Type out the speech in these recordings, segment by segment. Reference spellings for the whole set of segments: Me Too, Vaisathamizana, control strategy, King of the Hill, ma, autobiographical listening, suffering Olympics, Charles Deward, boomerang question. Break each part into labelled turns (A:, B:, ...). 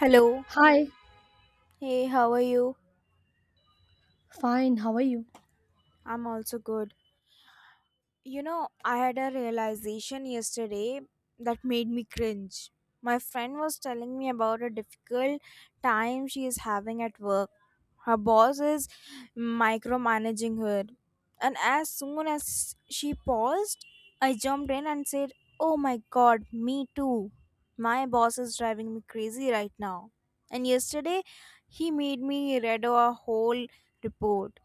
A: Hello.
B: Hi,
A: Hey, how are you?
B: fine, how are you?
A: I'm also good. You know, I had a realization yesterday that made me cringe. My friend was telling me about a difficult time she is having at work. Her boss is micromanaging her. And as soon as she paused, I jumped in and said, "Oh my god, me too. My boss is driving me crazy right now. And yesterday, he made me read a whole report."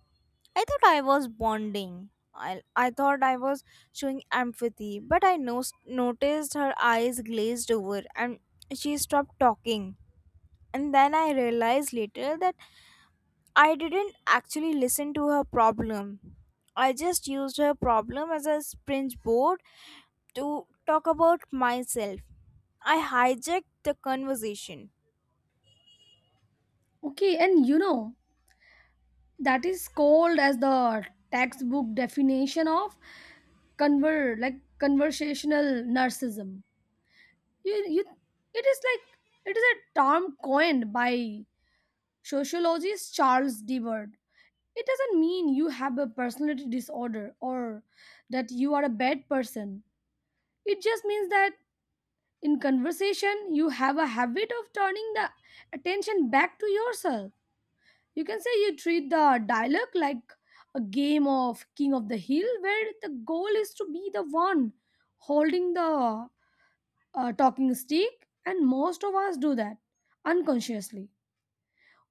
A: I thought I was bonding. I thought I was showing empathy, but I noticed her eyes glazed over and she stopped talking. And then I realized later that I didn't actually listen to her problem. I just used her problem as a springboard to talk about myself. I hijacked the conversation.
B: Okay, that is called as the textbook definition of conversational narcissism. You it is like it is a term coined by sociologist Charles Deward. It doesn't mean you have a personality disorder or that you are a bad person. It just means that in conversation you have a habit of turning the attention back to yourself. You can say you treat the dialogue like a game of King of the Hill, where the goal is to be the one holding the talking stick, and most of us do that unconsciously.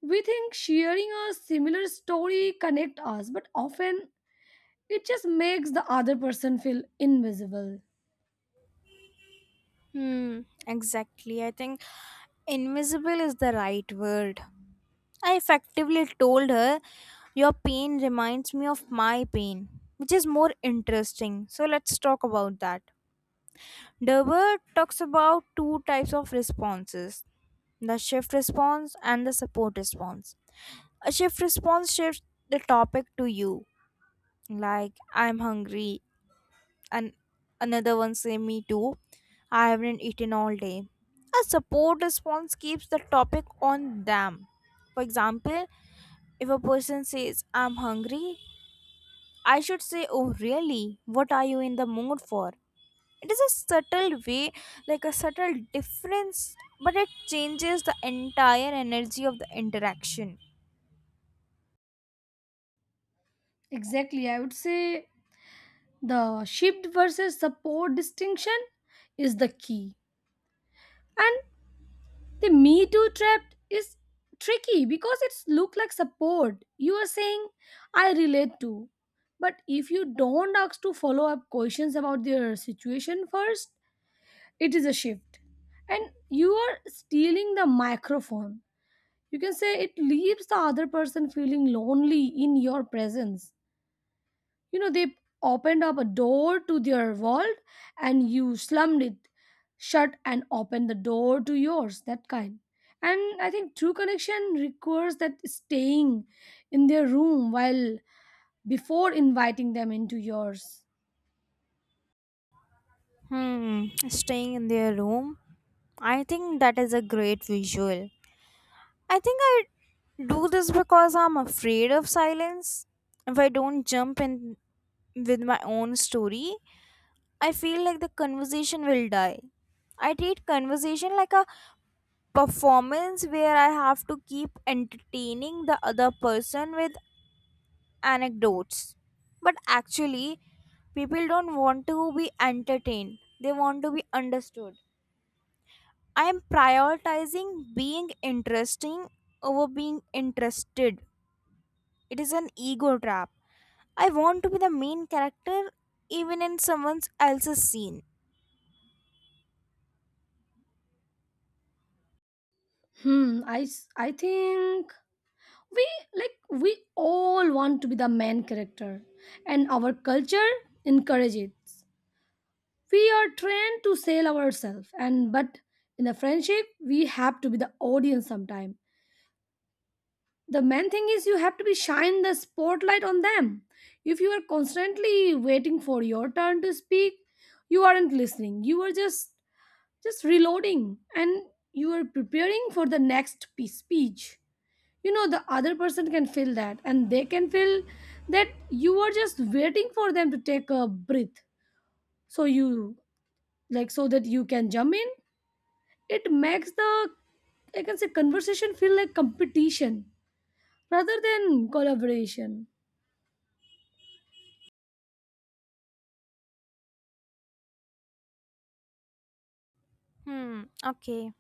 B: We think sharing a similar story connect us, but often it just makes the other person feel invisible.
A: Hmm, exactly. I think invisible is the right word. I effectively told her, "Your pain reminds me of my pain, which is more interesting. So let's talk about that." Derber talks about two types of responses, the shift response and the support response. A shift response shifts the topic to you, like, "I'm hungry," and another one say, "Me too. I haven't eaten all day." A support response keeps the topic on them. For example, if a person says, "I'm hungry," I should say, "Oh, really? What are you in the mood for?" It is a subtle way, like a subtle difference, but it changes the entire energy of the interaction.
B: Exactly, I would say the shift versus support distinction is the key. And The Me Too trap is tricky because it's look like support. You are saying, I relate to. But if you don't ask to follow up questions about their situation first, it is a shift. And you are stealing the microphone. You can say it leaves the other person feeling lonely in your presence. You know, they opened up a door to their world and you slammed it shut and opened the door to yours, that kind. And I think true connection requires that staying in their room while before inviting them into yours.
A: Hmm, staying in their room. I think that is a great visual. I think I do this because I'm afraid of silence. If I don't jump in with my own story, I feel like the conversation will die. I treat conversation like a performance where I have to keep entertaining the other person with anecdotes. But actually, people don't want to be entertained, they want to be understood. I am prioritizing being interesting over being interested. It is an ego trap. I want to be the main character even in someone else's scene.
B: Hmm, I think we we all want to be the main character and our culture encourages it. We are trained to sell ourselves, and but in the friendship, we have to be the audience sometime. The main thing is you have to be shine the spotlight on them. If you are constantly waiting for your turn to speak, you aren't listening. You are just reloading and you are preparing for the next speech. You know the other person can feel that and they can feel that you are just waiting for them to take a breath so you so that you can jump in. It makes the, I can say, conversation feel like competition rather than collaboration.
A: Hmm, okay.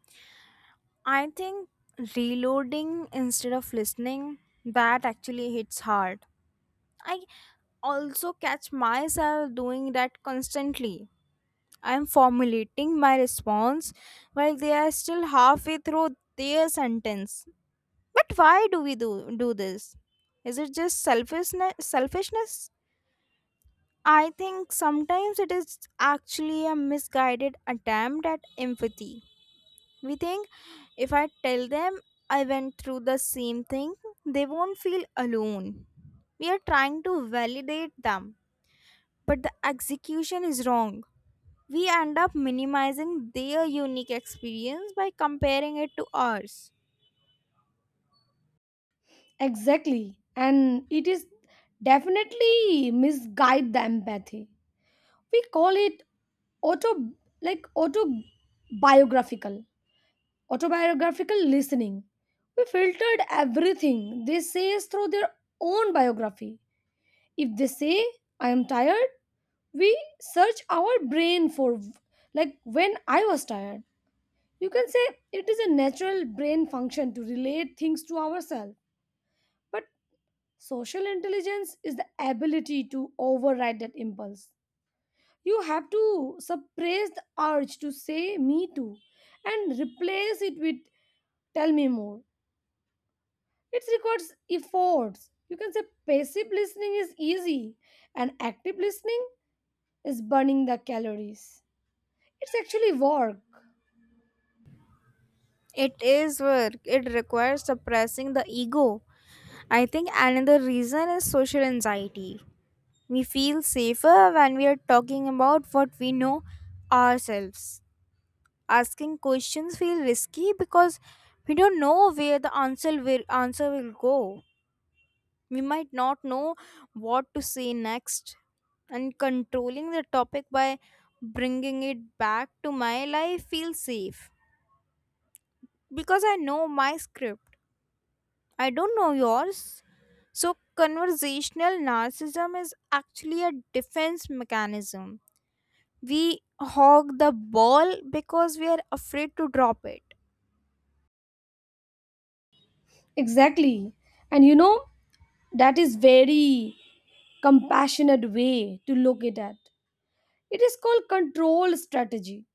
A: I think reloading instead of listening, that actually hits hard. I also catch myself doing that constantly. I am formulating my response while they are still halfway through their sentence. But why do we do this? Is it just selfishness? I think sometimes it is actually a misguided attempt at empathy. We think if I tell them I went through the same thing, they won't feel alone. We are trying to validate them, but the execution is wrong. We end up minimizing their unique experience by comparing it to ours.
B: Exactly. And it is definitely misguide the empathy. We call it auto autobiographical. Autobiographical listening. We filtered everything they say through their own biography. If they say I am tired, we search our brain for like when I was tired. You can say it is a natural brain function to relate things to ourselves, but social intelligence is the ability to override that impulse. You have to suppress the urge to say me too and replace it with tell me more. It requires efforts. You can say passive listening is easy and active listening is burning the calories. It's actually work.
A: It is work, it requires suppressing the ego. I think another reason is social anxiety. We feel safer when we are talking about what we know, ourselves. Asking questions feel risky because we don't know where the answer will go. We might not know what to say next, and controlling the topic by bringing it back to my life feels safe because I know my script, I don't know yours. So conversational narcissism is actually a defense mechanism. We hog the ball because we are afraid to drop it.
B: Exactly. And you know, that is very compassionate way to look it at. It is called control strategy.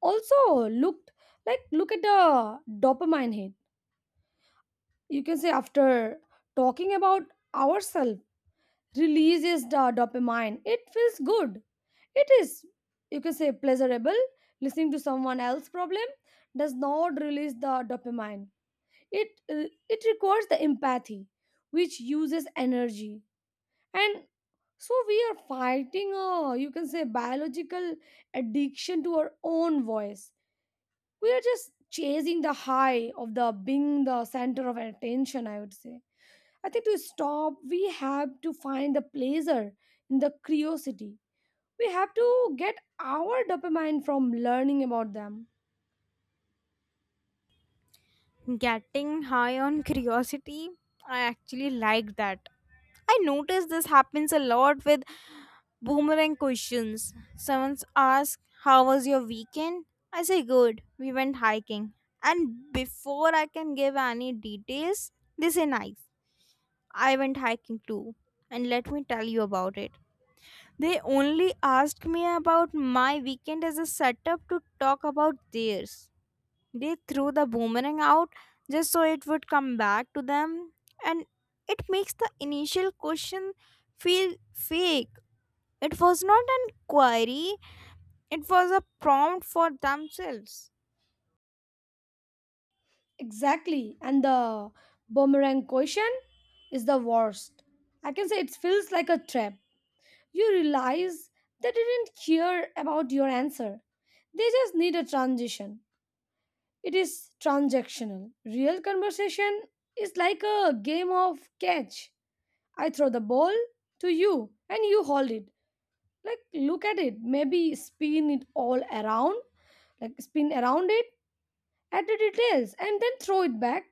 B: Also, look at the dopamine hit. You can say after talking about ourselves releases the dopamine. It feels good. It is, you can say, pleasurable. Listening to someone else's problem does not release the dopamine. It it requires the empathy, which uses energy, and so we are fighting a, you can say, biological addiction to our own voice. We are just chasing the high of the being the center of attention, I would say. I think to stop we have to find the pleasure in the curiosity. We have to get our dopamine from learning about them.
A: Getting high on curiosity, I actually like that. I notice this happens a lot with boomerang questions. Someone asks, "How was your weekend?" I say, "Good, we went hiking." And before I can give any details, they say, "Nice, I went hiking too. And let me tell you about it." They only asked me about my weekend as a setup to talk about theirs. They threw the boomerang out just so it would come back to them, and it makes the initial question feel fake. It was not an query, it was a prompt for themselves.
B: Exactly. And the boomerang question is the worst. I can say it feels like a trap. You realize they didn't care about your answer. They just need a transition. It is transactional. Real conversation is like a game of catch. I throw the ball to you and you hold it. Like look at it, maybe spin it all around, like spin around it, add the details and then throw it back.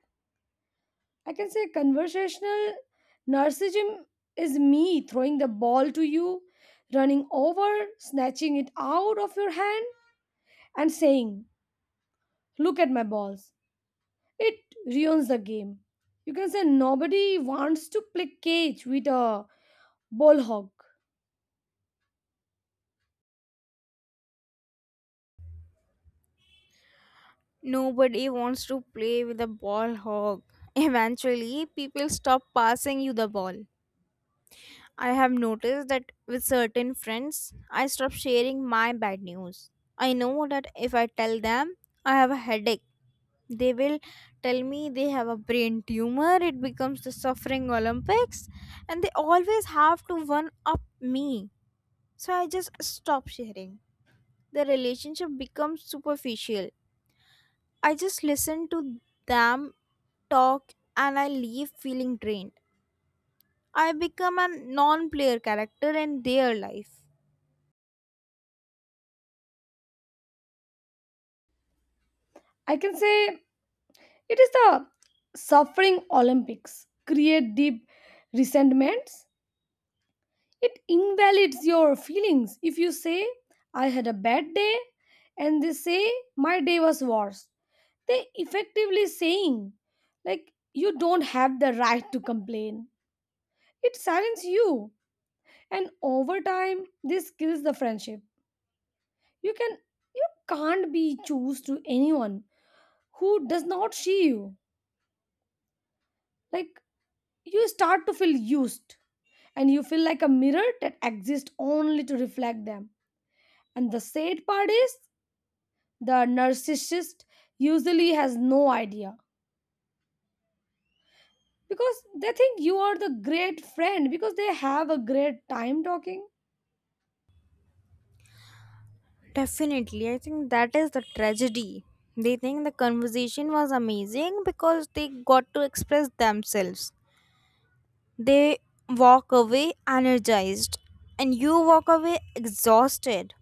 B: I can say conversational narcissism is me throwing the ball to you, running over, snatching it out of your hand and saying, Look at my balls. It ruins the game. You can say nobody wants to play cage with a ball hog.
A: Nobody wants to play with a ball hog. Eventually, people stop passing you the ball. I have noticed that with certain friends, I stop sharing my bad news. I know that if I tell them I have a headache, they will tell me they have a brain tumor. It becomes the suffering Olympics, and they always have to one up me. So I just stop sharing. The relationship becomes superficial. I just listen to them talk, and I leave feeling drained. I become a non player character in their life.
B: I can say it is the suffering Olympics. Create deep resentments. It invalidates your feelings. If you say, I had a bad day, and they say, My day was worse, they effectively saying, like, you don't have the right to complain. It silences you, and over time this kills the friendship. you can you can't be choose to anyone who does not see you. Like you start to feel used and you feel like a mirror that exists only to reflect them. And the sad part is the narcissist usually has no idea because they think you are the great friend because they have a great time talking.
A: Definitely, I think that is the tragedy. They think the conversation was amazing because they got to express themselves. They walk away energized, and you walk away exhausted.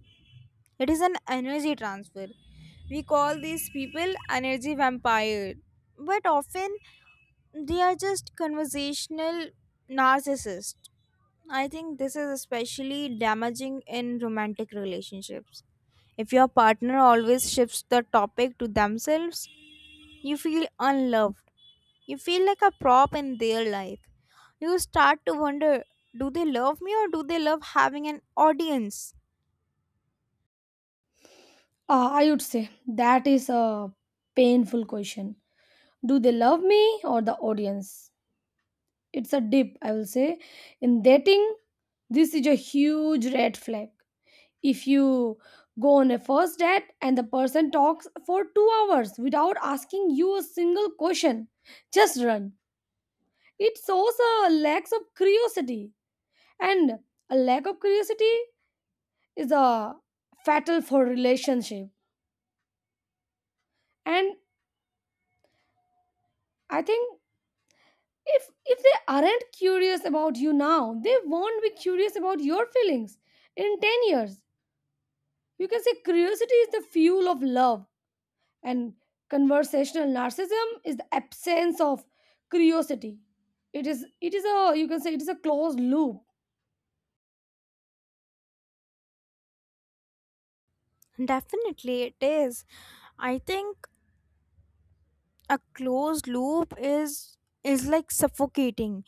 A: It is an energy transfer. We call these people energy vampire, but often they are just conversational narcissists. I think this is especially damaging in romantic relationships. If your partner always shifts the topic to themselves, you feel unloved. You feel like a prop in their life. You start to wonder, do they love me, or do they love having an audience?
B: I would say that is a painful question, do they love me or the audience. It's a dip, I will say. In dating this is a huge red flag. If you go on a first date and the person talks for 2 hours without asking you a single question, just run. It shows a lack of curiosity, and a lack of curiosity is a fatal for relationship. And I think if if they aren't curious about you now, they won't be curious about your feelings in 10 years. You can say curiosity is the fuel of love, and conversational narcissism is the absence of curiosity. It is, it is a, you can say, it is a closed loop.
A: Definitely, it is. I think a closed loop is like suffocating.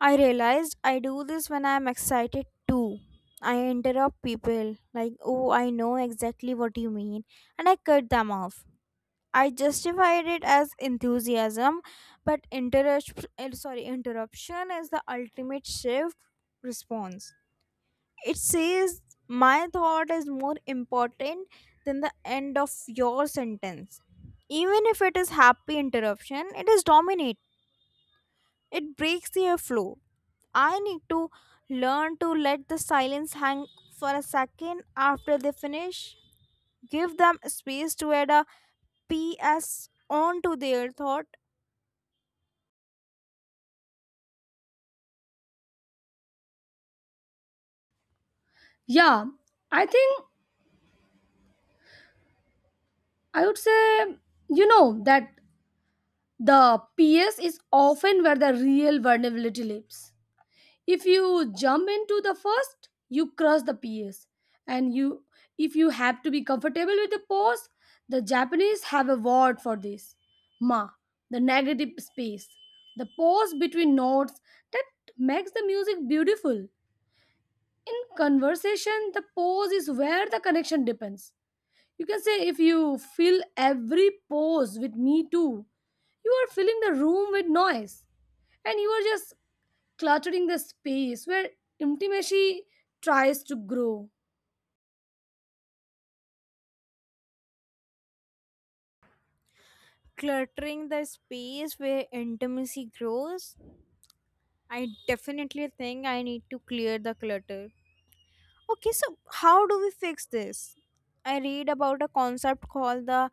A: I realized I do this when I'm excited too. I interrupt people like, "Oh, I know exactly what you mean," and I cut them off. I justified it as enthusiasm, but interruption is the ultimate shift response. It says my thought is more important than the end of your sentence. Even if it is happy interruption, it is dominate. It breaks the flow. I need to learn to let the silence hang for a second after they finish. Give them space to add a PS onto their thought,
B: Yeah, I think I would say you know that the PS is often where the real vulnerability lives. If you jump into the first you cross the PS, and you if you have to be comfortable with the pose. The Japanese have a word for this, ma, the negative space, the pause between notes that makes the music beautiful. In conversation the pause is where the connection depends. You can say if you fill every pause with me too, you are filling the room with noise, and you are just cluttering the space where intimacy tries to grow.
A: cluttering the space where intimacy grows. I definitely think I need to clear the clutter. Okay, so how do we fix this? I read about a concept called the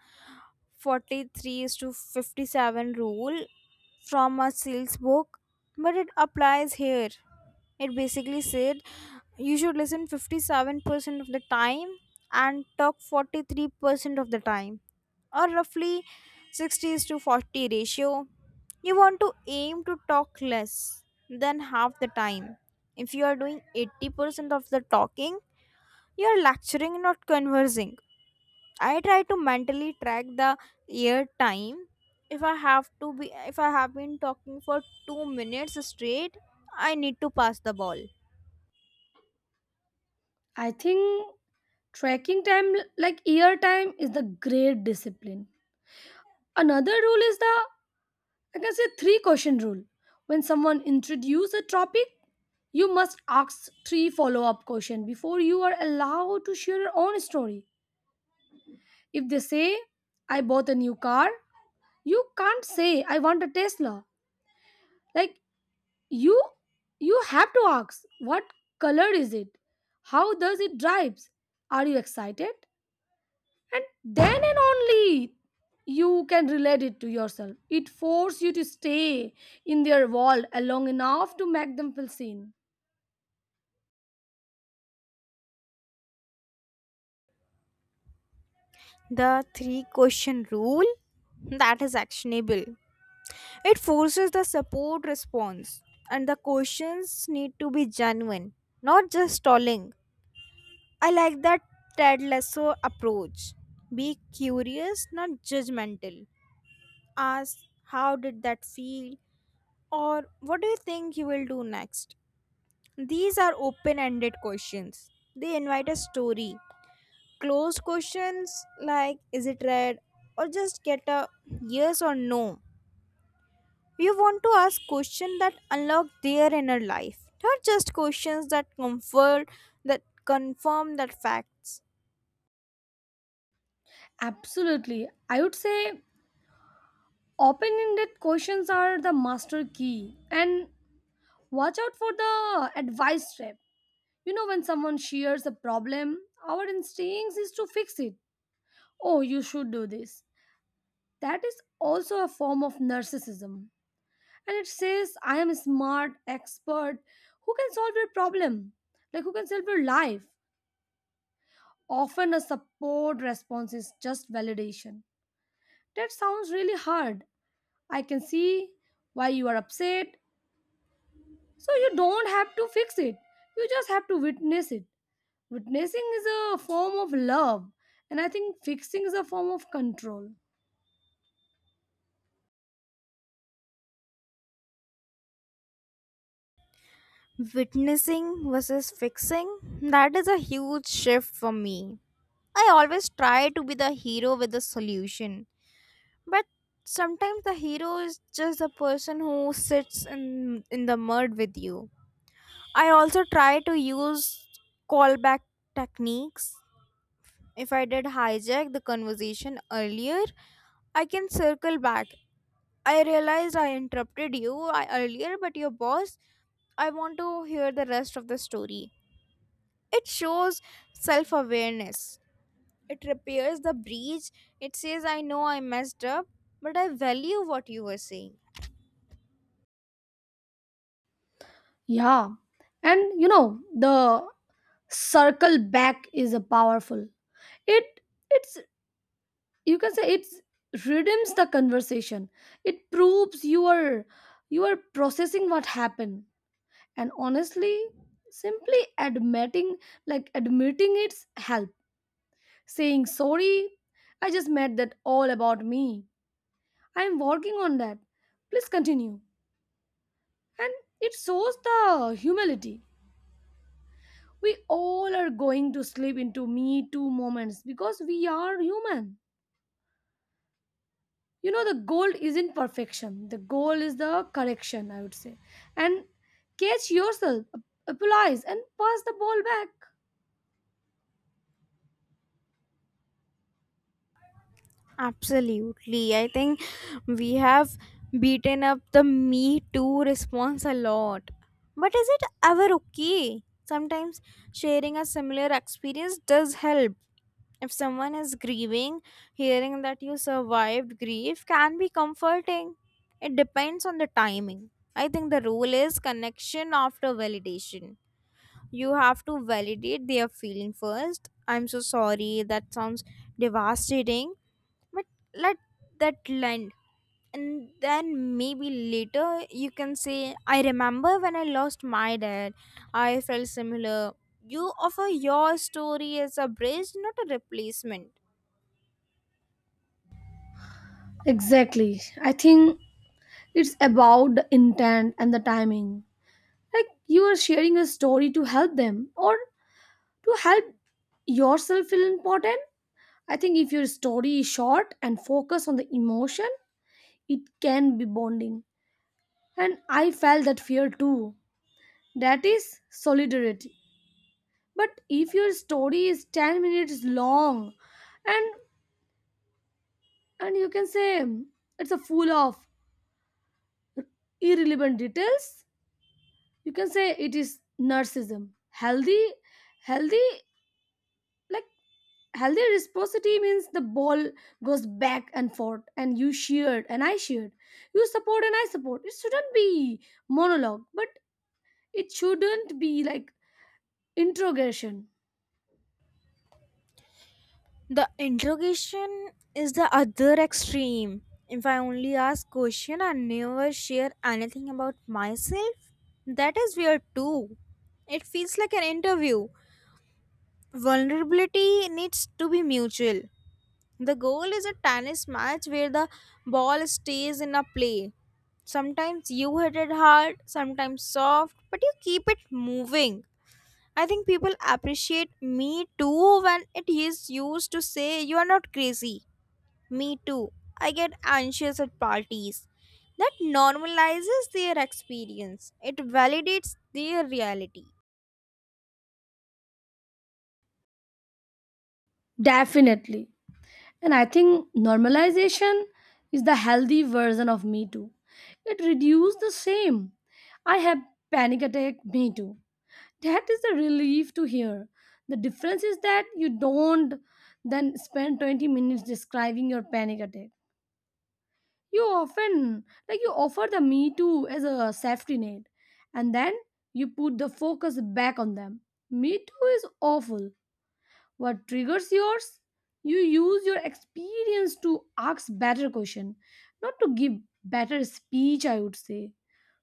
A: 43 is to 57 rule from a sales book, but it applies here. It basically said you should listen 57% of the time and talk 43% of the time, or roughly 60 is to 40 ratio. You want to aim to talk less than half the time. If you are doing 80% of the talking, you are lecturing, not conversing. I try to mentally track the ear time. If I have to be, if I have been talking for 2 minutes straight, I need to pass the ball.
B: I think tracking time like year time is the great discipline. Another rule is the, I can say, three question rule. When someone introduces a topic, you must ask three follow-up questions before you are allowed to share your own story. If they say, I bought a new car, you can't say I want a Tesla. Like you you have to ask what color is it, how does it drives, are you excited, and then and only you can relate it to yourself. It forces you to stay in their world long enough to make them feel seen.
A: The three question rule, that is actionable. It forces the support response, and the questions need to be genuine, not just stalling. I like that Ted Lasso approach. Be curious, not judgmental. Ask, "How did that feel?" or "What do you think you will do next?" These are open ended questions. They invite a story. Closed questions like, "Is it red?" or just get a yes or no. We want to ask questions that unlock their inner life, not just questions that comfort, that confirm that facts.
B: Absolutely, I would say open-ended questions are the master key. And watch out for the advice trap. You know when someone shares a problem our instincts is to fix it, oh you should do this. That is also a form of narcissism. And it says, I am smart, expert, who can solve your problem? Like, who can solve your life? Often a support response is just validation. That sounds really hard. I can see why you are upset. So, you don't have to fix it, you just have to witness it. Witnessing is a form of love, and I think fixing is a form of control.
A: Witnessing versus fixing, that is a huge shift for me. I always try to be the hero with the solution, but sometimes the hero is just the person who sits in the mud with you. I also try to use callback techniques. If I did hijack the conversation earlier, I can circle back. I realized I interrupted you earlier, but your boss, I want to hear the rest of the story. It shows self awareness, it repairs the breach. It says, "I know I messed up, but I value what you were saying."
B: Yeah. And you know, the circle back is a powerful, it it's, you can say, it's redeems the conversation. It proves you are processing what happened. And honestly, simply admitting, it's help, saying sorry, I just made that all about me, I'm working on that, please continue. And it shows the humility. We all are going to slip into me too moments because we are human. You know the goal isn't perfection, the goal is the correction, I would say. And catch yourself applies and pass the ball back.
A: Absolutely. I think we have beaten up the Me Too response a lot. But is it ever okay? Sometimes sharing a similar experience does help. If someone is grieving, hearing that you survived grief can be comforting. It depends on the timing. I think the rule is connection after validation. You have to validate their feeling first. "I'm so sorry, that sounds devastating," but let that land, and then maybe later you can say, "I remember when I lost my dad, I felt similar." You offer your story as a bridge, not a replacement.
B: Exactly. I think it's about the intent and the timing. Like you are sharing a story to help them or to help yourself feel important. I think if your story is short and focus on the emotion, it can be bonding. And I felt that fear too, that is solidarity. But if your story is 10 minutes long, and you can say it's a full of irrelevant details, you can say it is narcissism. Healthy healthy like healthy reciprocity means the ball goes back and forth, and you shared and I shared, you support and I support. It shouldn't be monologue, but it shouldn't be like interrogation.
A: The interrogation is the other extreme. If I only ask question and never share anything about myself, that is weird too. It feels like an interview. Vulnerability needs to be mutual. The goal is a tennis match where the ball stays in a play. Sometimes you hit it hard, sometimes soft, but you keep it moving. I think people appreciate me too when it is used to say you are not crazy. "Me too. I get anxious at parties." That normalizes their experience, it validates their reality.
B: Definitely. And I think normalization is the healthy version of Me Too. It reduced the shame. I have panic attack Me Too. That is a relief to hear. The difference is that you don't then spend 20 minutes describing your panic attack. You often, like, you offer the Me Too as a safety net and then you put the focus back on them. Me Too is awful, what triggers yours? You use your experience to ask better question, not to give better speech, I would say.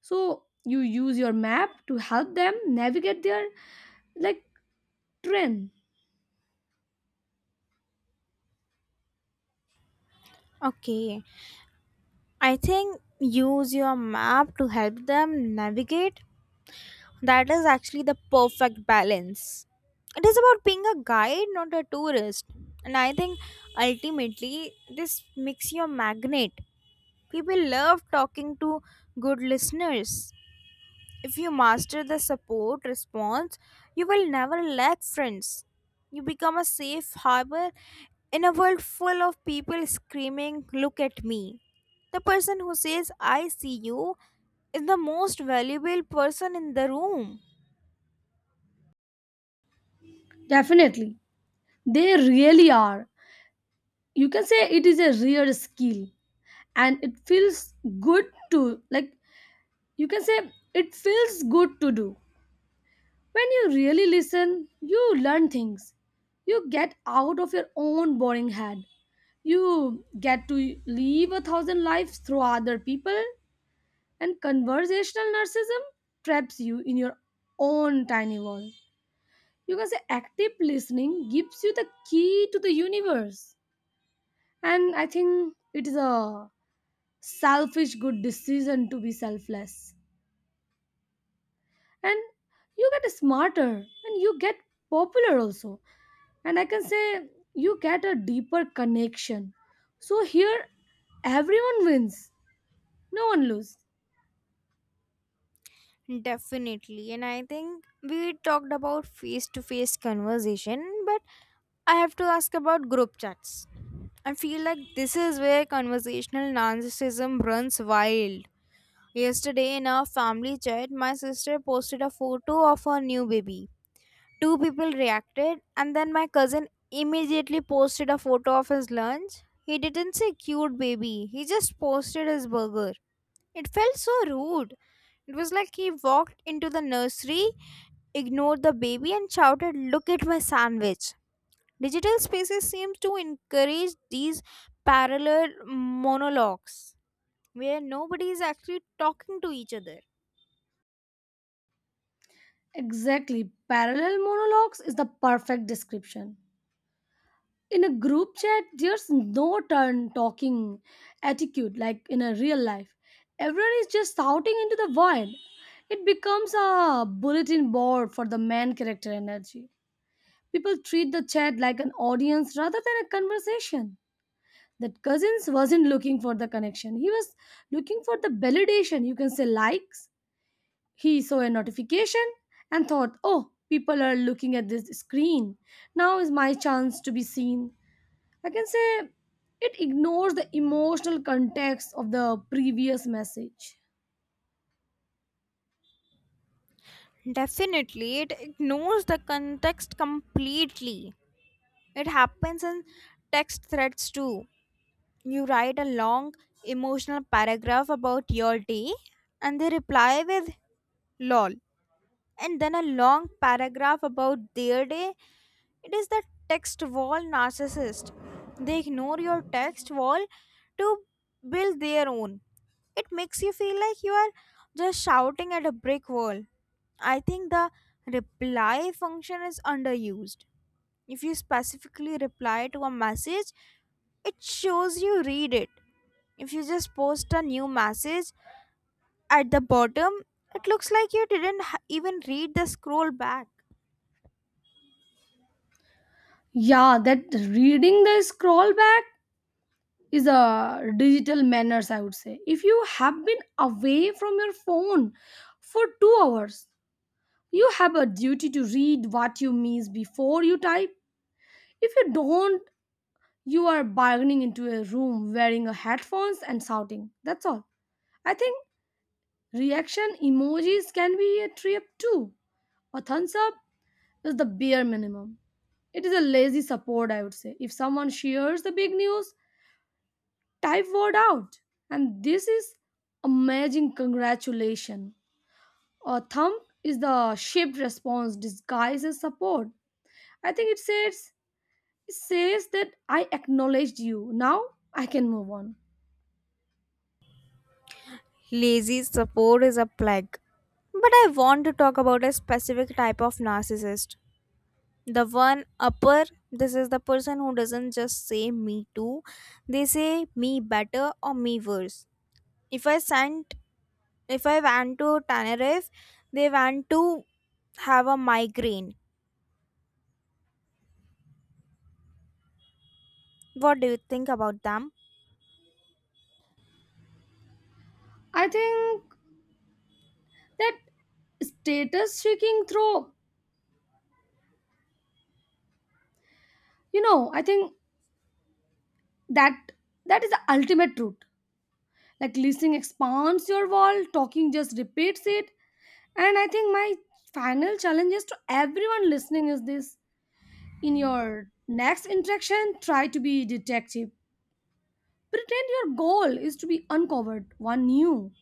B: So you use your map to help them navigate their like trend.
A: Okay, I think use your map to help them navigate, that is actually the perfect balance. It is about being a guide, not a tourist. And I think ultimately this makes you a magnet. People love talking to good listeners. If you master the support response, you will never lack friends. You become a safe harbor in a world full of people screaming, "Look at me." The person who says, "I see you," is the most valuable person in the room.
B: Definitely. They really are. You can say it is a rare skill and it feels good to like, you can say, it feels good to do. When you really listen, you learn things. You get out of your own boring head. You get to live a thousand lives through other people, and conversational narcissism traps you in your own tiny world. You can say active listening gives you the key to the universe. And I think it is a selfish good decision to be selfless. And you get smarter and you get popular also. And I can say you get a deeper connection. So here everyone wins, no one loses.
A: Definitely. And I think we talked about face to face conversation, but I have to ask about group chats. I feel like this is where conversational narcissism runs wild. Yesterday in our family chat, my sister posted a photo of her new baby. Two people reacted, and then my cousin immediately posted a photo of his lunch. He didn't say cute baby, he just posted his burger. It felt so rude. It was like he walked into the nursery, ignored the baby and shouted, "Look at my sandwich." Digital spaces seems to encourage these parallel monologues where nobody is actually talking to each other.
B: Exactly. Parallel monologues is the perfect description. In a group chat, there's no turn talking attitude like in a real life. Everyone is just shouting into the void. It becomes a bulletin board for the main character energy. People treat the chat like an audience rather than a conversation. That Cousins wasn't looking for the connection. He was looking for the validation. You can say likes, he saw a notification and thought, oh, people are looking at this screen. Now is my chance to be seen. I can say it ignores the emotional context of the previous message.
A: Definitely, it ignores the context completely. It happens in text threads too. You write a long emotional paragraph about your day, and they reply with "lol" and then a long paragraph about their day. It is the text wall narcissist. They ignore your text wall to build their own. It makes you feel like you are just shouting at a brick wall. I think the reply function is underused. If you specifically reply to a message, it shows you read it. If you just post a new message at the bottom, it looks like you didn't even read the scroll back.
B: Yeah, that reading the scroll back is a digital manners, I would say. If you have been away from your phone for 2 hours, you have a duty to read what you miss before you type. If you don't, you are bargaining into a room wearing a headphones and shouting. That's all. I think reaction emojis can be a trip too. A thumbs up is the bare minimum. It is a lazy support, I would say. If someone shares the big news, type word out. And this is amazing congratulation. A thumb is the shaped response disguised as support. I think it says that I acknowledged you. Now I can move on.
A: Lazy support is a plague. But I want to talk about a specific type of narcissist. The one upper, this is the person who doesn't just say me too, they say me better or me worse. If I sent, if I went to Tenerife, they want to have a migraine. What do you think about them?
B: I think that status seeking through, you know, I think that that is the ultimate truth. Like listening expands your wall, talking just repeats it. And I think my final challenge is to everyone listening is this, in your next interaction try to be detective. Pretend your goal is to be uncovered one new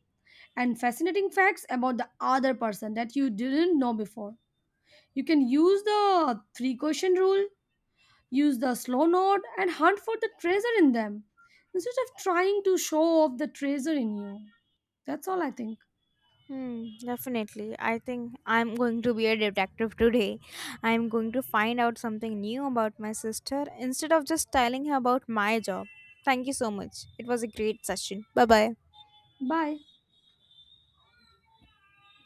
B: and fascinating facts about the other person that you didn't know before. You can use the three question rule, use the slow node and hunt for the treasure in them instead of trying to show off the treasure in you. That's all I think.
A: Hmm, definitely. I think I'm going to be a detective today. I'm going to find out something new about my sister instead of just telling her about my job. Thank you so much. It was a great session. Bye bye.
B: Bye.